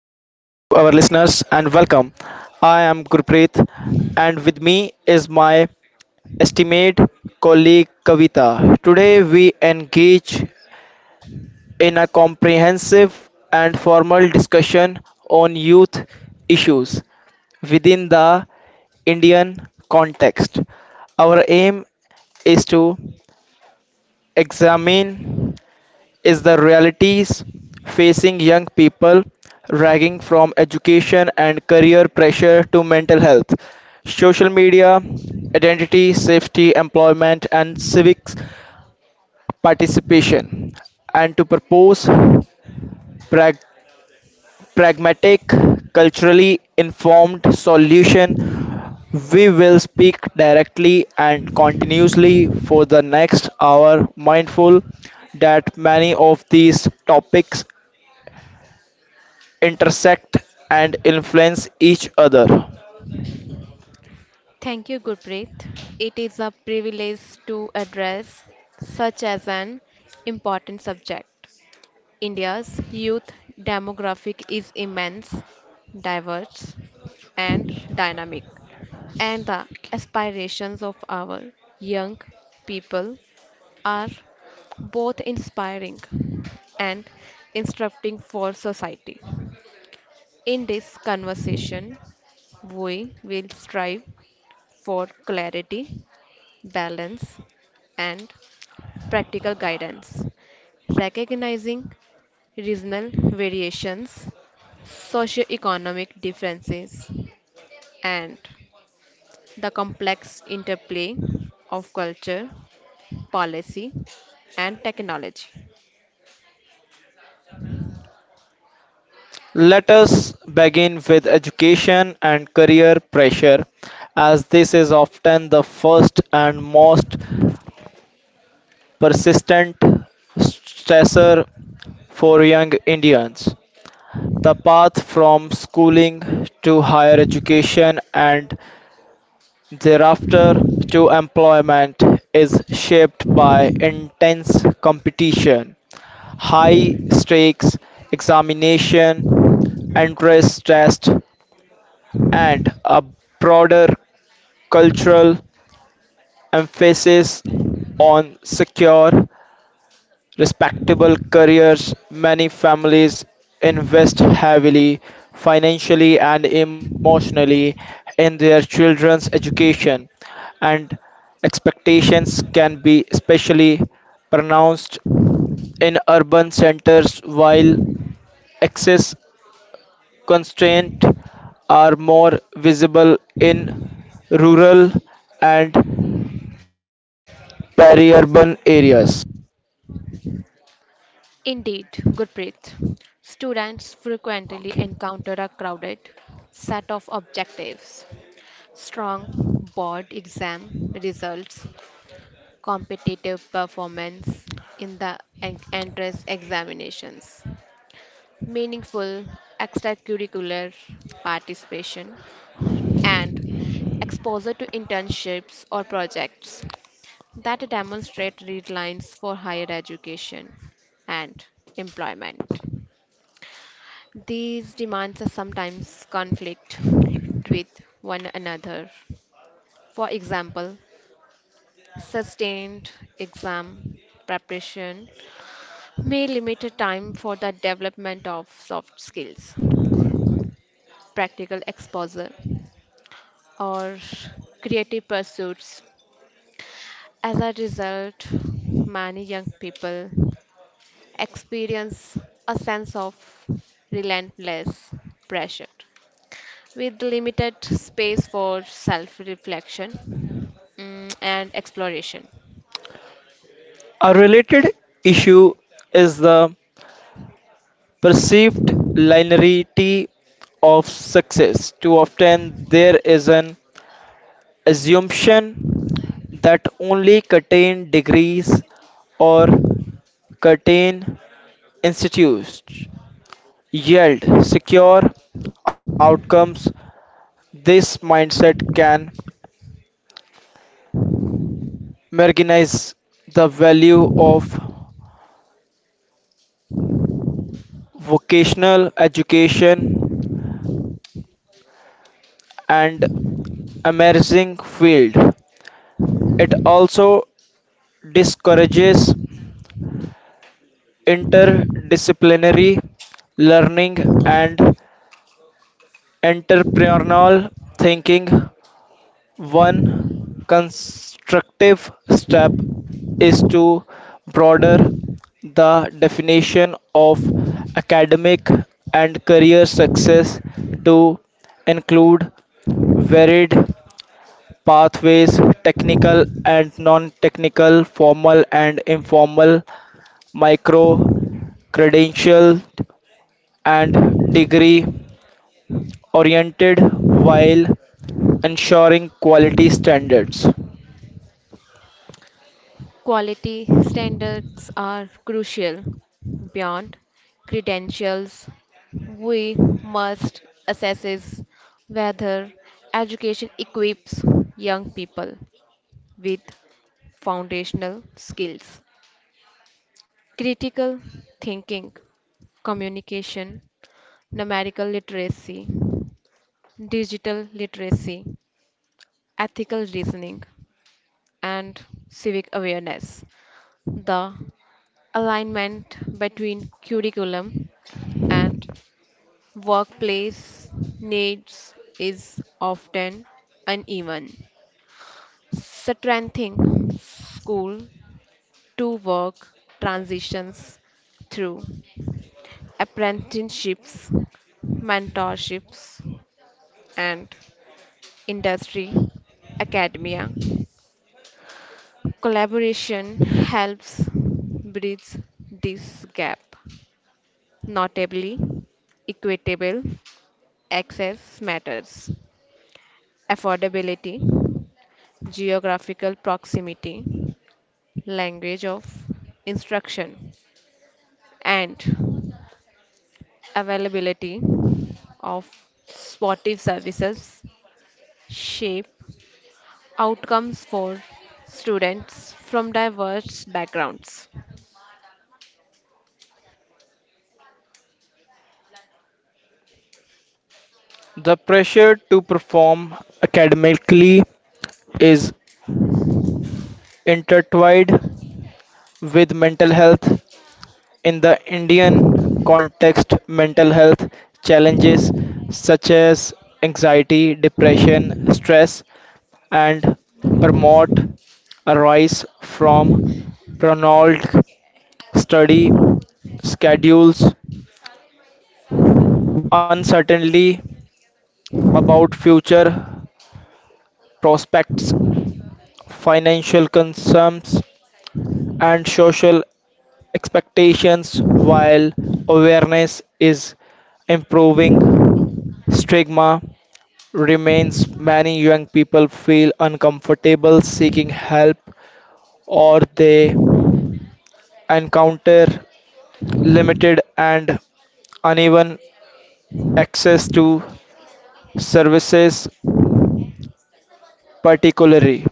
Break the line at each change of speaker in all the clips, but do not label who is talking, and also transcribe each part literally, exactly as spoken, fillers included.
listeners and welcome. I am Gurpreet and with me is my esteemed colleague Kavita. Today we engage in a comprehensive and formal discussion on youth issues within the Indian context. Our aim is to examine is the realities facing young people ranging from education and career pressure to mental health, social media, identity, safety, employment, and civic participation, and to propose pragmatic, culturally informed solution. We will speak directly and continuously for the next hour, mindful that many of these topics intersect and influence each other.
Thank you, Gurpreet. It is a privilege to address such as an important subject. India's youth demographic is immense, diverse, and dynamic, and the aspirations of our young people are both inspiring and instructing for society. In this conversation, we will strive for clarity balance, and practical guidance. Recognizing regional variations, socioeconomic differences, and the complex interplay of culture, policy, and technology.
Let us begin with education and career pressure, as this is often the first and most persistent stressor for young Indians. The path from schooling to higher education and thereafter to employment is shaped by intense competition, high stakes examination, entrance test, and a broader cultural emphasis on secure respectable careers. Many families invest heavily financially and emotionally in their children's education, and expectations can be especially pronounced in urban centers while access constraints are more visible in rural and peri-urban areas.
Indeed, Gurpreet, students frequently encounter a
Okay.
crowded set of objectives. Strong board exam results, competitive performance in the en- entrance examinations, meaningful extracurricular participation, and exposure to internships or projects that demonstrate deadlines for higher education and employment. These demands are sometimes conflict with one another. For example, sustained exam preparation may limit time for the development of soft skills, practical exposure, or creative pursuits. As a result, many young people experience a sense of relentless pressure with limited space for self reflection and exploration.
A related issue is the perceived linearity of success. Too often, there is an assumption that only certain degrees or certain institutes yield secure outcomes. This mindset can marginalize the value of vocational education and emerging field. It also discourages interdisciplinary learning and entrepreneurial thinking. One constructive step is to broaden the definition of academic and career success to include varied pathways technical and non technical, formal and informal, micro credential and degree oriented while ensuring quality standards.
Quality standards are crucial. Beyond credentials, we must assess whether education equips young people with foundational skills, critical thinking, communication, numerical literacy, digital literacy, ethical reasoning, and civic awareness. The alignment between curriculum and workplace needs is often uneven. Strengthening school to work transitions through apprenticeships, mentorships, and industry, academia. Collaboration helps bridge this gap. Notably, equitable access matters. Affordability geographical proximity, language of instruction, and availability of supportive services shape outcomes for students from diverse backgrounds.
The pressure to perform academically is intertwined with mental health. In the Indian context, mental health challenges such as anxiety, depression, stress, and burnout arise from prolonged study schedules, uncertainty about future prospects, financial concerns, and social expectations while awareness is improving. Stigma remains, many young people feel uncomfortable seeking help or they encounter limited and uneven access to services, particularly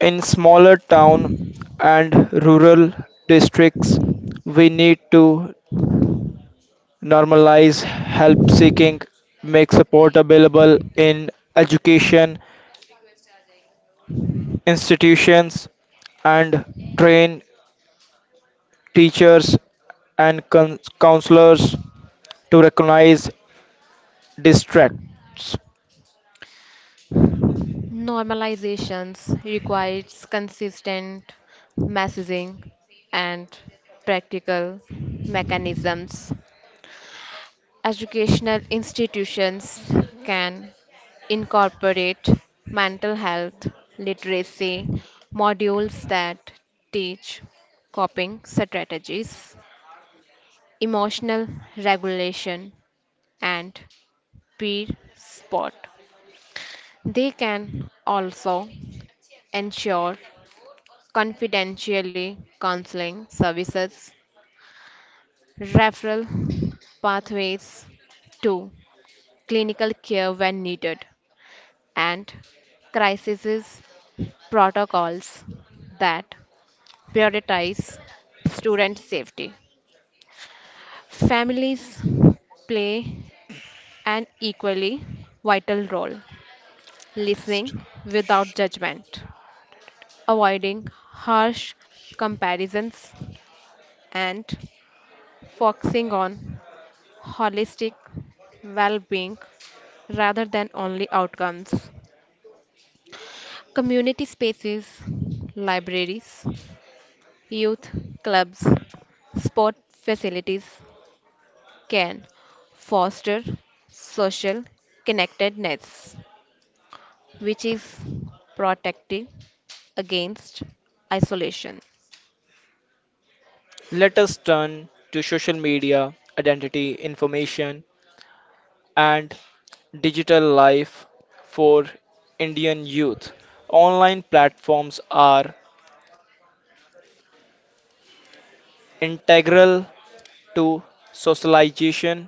in smaller town and rural districts. We need to normalize help seeking, make support available in education institutions, and train teachers and con- counselors to recognize distracts.
Normalizations requires consistent messaging and practical mechanisms. Educational institutions can incorporate mental health literacy modules that teach coping strategies, emotional regulation, and peer support. They can also ensure confidentially counseling services, referral pathways to clinical care when needed, and crisis protocols that prioritize student safety. Families play an equally vital role, listening without judgment, avoiding harsh comparisons, and focusing on holistic well being rather than only outcomes. Community spaces, libraries, youth clubs, sport facilities can foster social connectedness, which is protective against isolation.
Let us turn to social media, identity, information, and digital life for Indian youth. Online platforms are integral to socialization,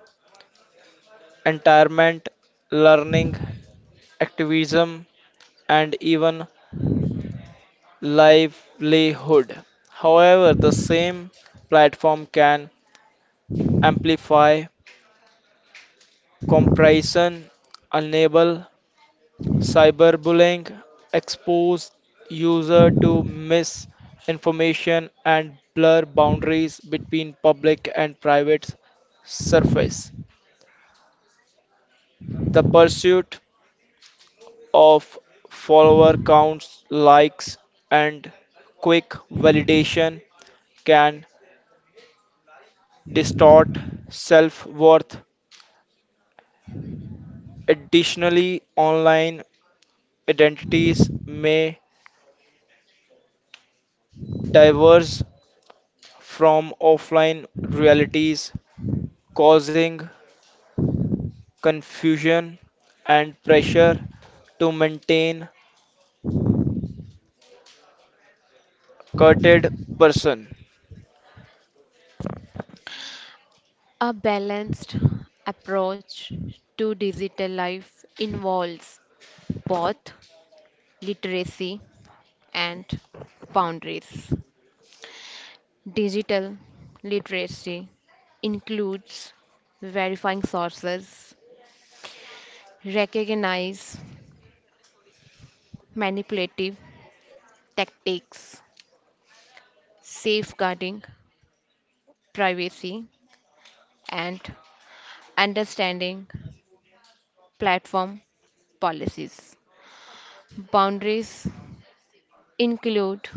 entertainment, learning, activism, and even livelihood. However, the same platform can amplify, compression, enable cyberbullying, expose user to misinformation and blur boundaries between public and private surface. The pursuit of follower counts, likes, and quick validation can distort self worth. Additionally, online identities may diverge from offline realities, causing confusion and pressure to maintain curted person.
A balanced approach to digital life involves both literacy and boundaries. Digital literacy includes verifying sources, recognize manipulative tactics, safeguarding privacy, and understanding platform policies. Boundaries include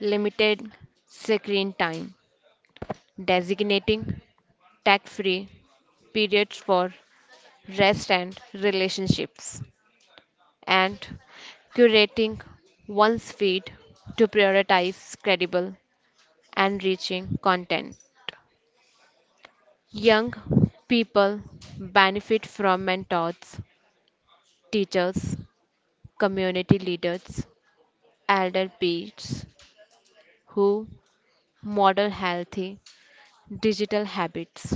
limited screen time, designating tech free periods for rest and relationships, and curating one's feed to prioritize credible and reaching content. Young people benefit from mentors, teachers, community leaders, elder peers who model healthy digital habits.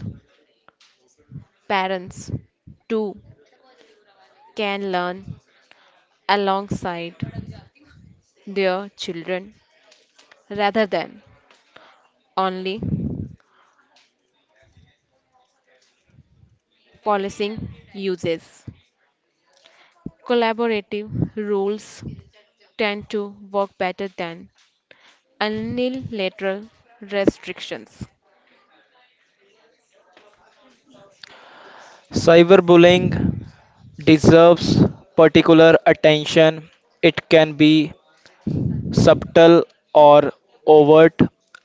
Parents, too, can learn alongside their children rather than only policing uses. Collaborative rules tend to work better than unilateral restrictions.
Cyberbullying deserves particular attention. It can be subtle or overt,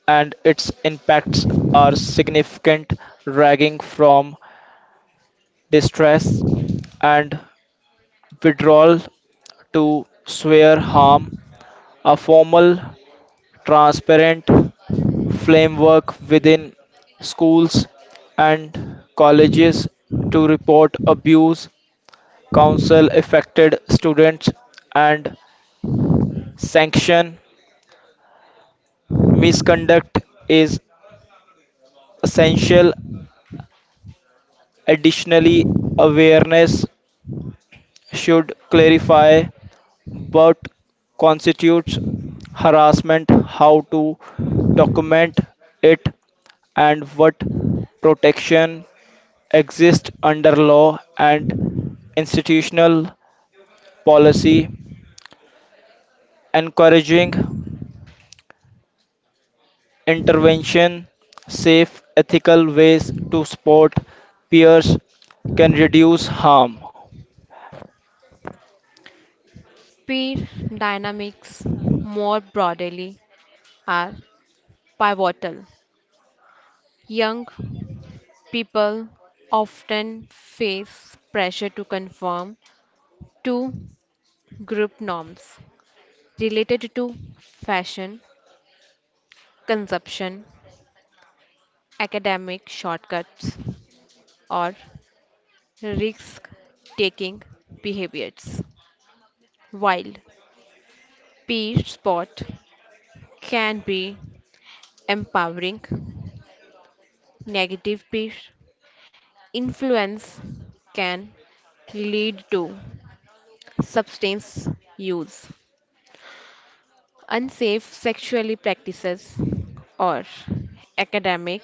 and its impacts are significant, ranging from distress and withdrawal to severe harm. A formal transparent framework within schools and colleges to report abuse, counsel affected students, and sanction misconduct is essential. Additionally, awareness should clarify what constitutes harassment, how to document it, and what protection exists under law and institutional policy, encouraging intervention, safe, ethical ways to support peers can reduce harm.
Speed dynamics, more broadly, are pivotal. Young people often face pressure to conform to group norms related to fashion, consumption, academic shortcuts, or risk taking behaviors. While peer support can be empowering, negative peer influence can lead to substance use, unsafe sexually practices, or academic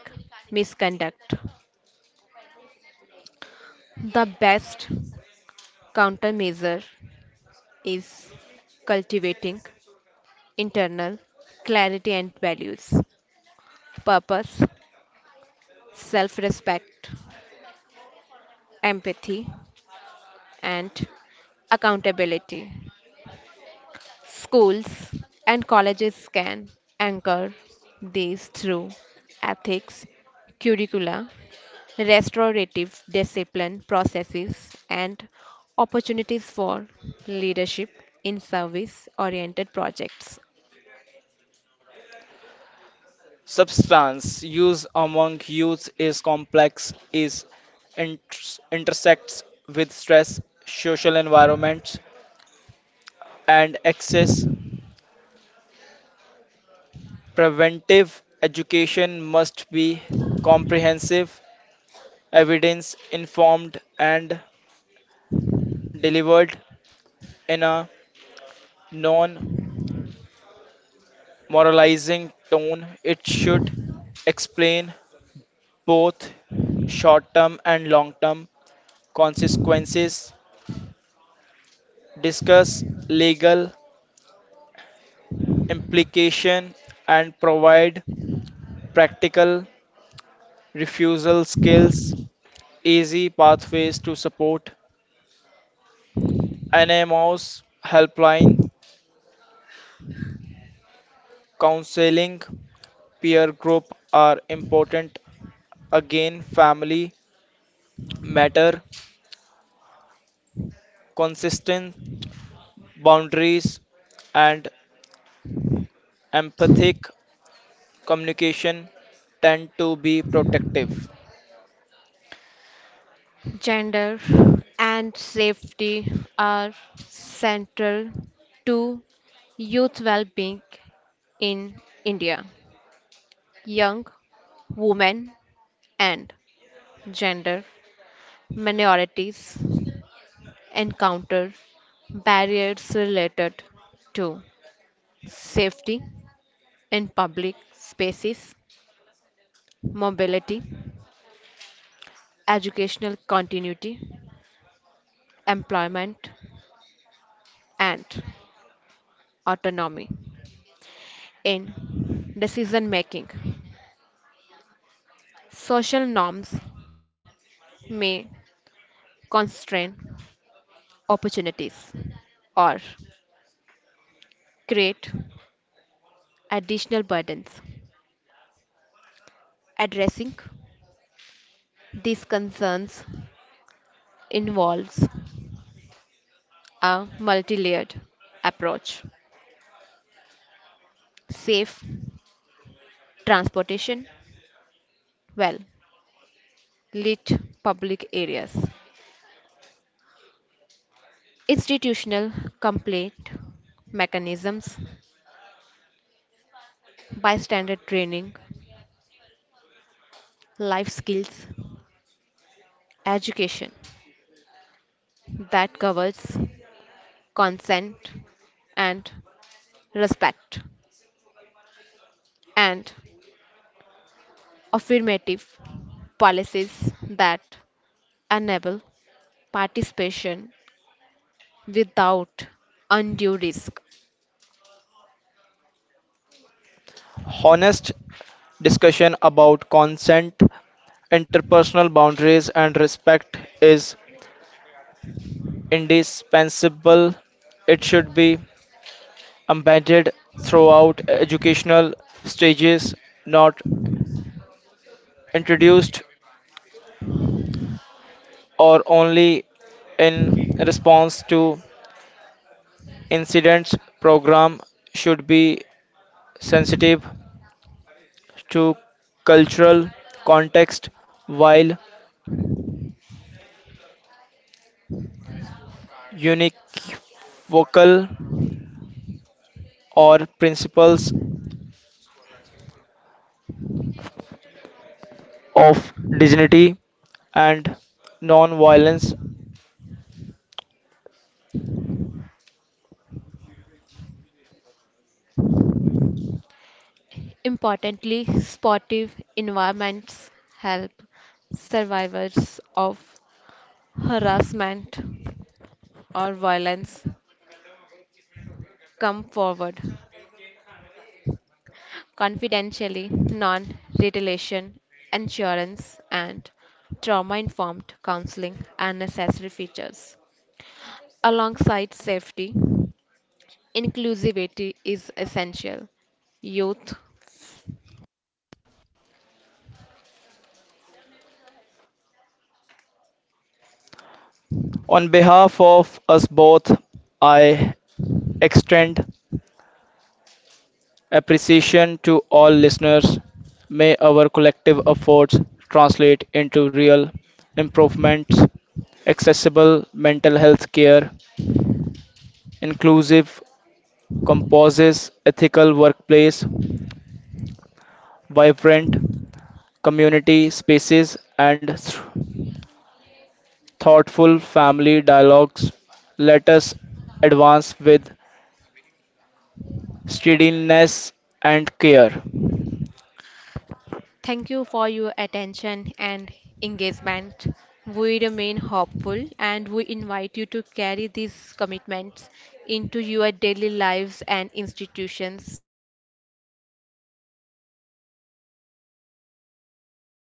misconduct. The best countermeasure is cultivating internal clarity and values, purpose, self respect, empathy, and accountability. Schools and colleges can anchor these through ethics, curricula, restorative discipline processes, and opportunities for leadership in service oriented projects.
Substance use among youth is complex, is inter- intersects with stress, social environments, and access. Preventive education must be comprehensive, evidence informed, and delivered in a non moralizing tone. It should explain both short term and long term consequences, discuss legal implication and provide practical refusal skills, easy pathways to support, N M Os, helpline, counseling, peer group are important. Again, family matter, consistent boundaries and empathic communication tend to be protective.
Gender and safety are central to youth well being in India. Young women and gender minorities encounter barriers related to safety in public spaces, mobility, educational continuity, employment, and autonomy in decision making. Social norms may constrain opportunities or create additional burdens. Addressing these concerns involves a multi-layered approach, safe transportation, well lit public areas, institutional complaint mechanisms, bystander training, life skills education that covers consent and respect, and affirmative policies that enable participation without undue risk.
Honest discussion about consent, interpersonal boundaries, and respect is indispensable. It should be embedded throughout educational stages, not introduced or only in response to incidents. Program should be sensitive to cultural context while univocal or principles of dignity and non-violence.
Importantly, sportive environments help survivors of harassment or violence come forward confidentially, non retaliation, insurance, and trauma informed counseling are necessary features. Alongside safety, inclusivity is essential. Youth.
On behalf of us both, I extend appreciation to all listeners. May our collective efforts translate into real improvements, accessible mental health care, inclusive composes, ethical workplace, vibrant community spaces, and th- thoughtful family dialogues. Let us advance with steadiness and care.
Thank you for your attention and engagement. We remain hopeful and we invite you to carry these commitments into your daily lives and institutions. In doing so, we honor the dignity and potential of India's youth.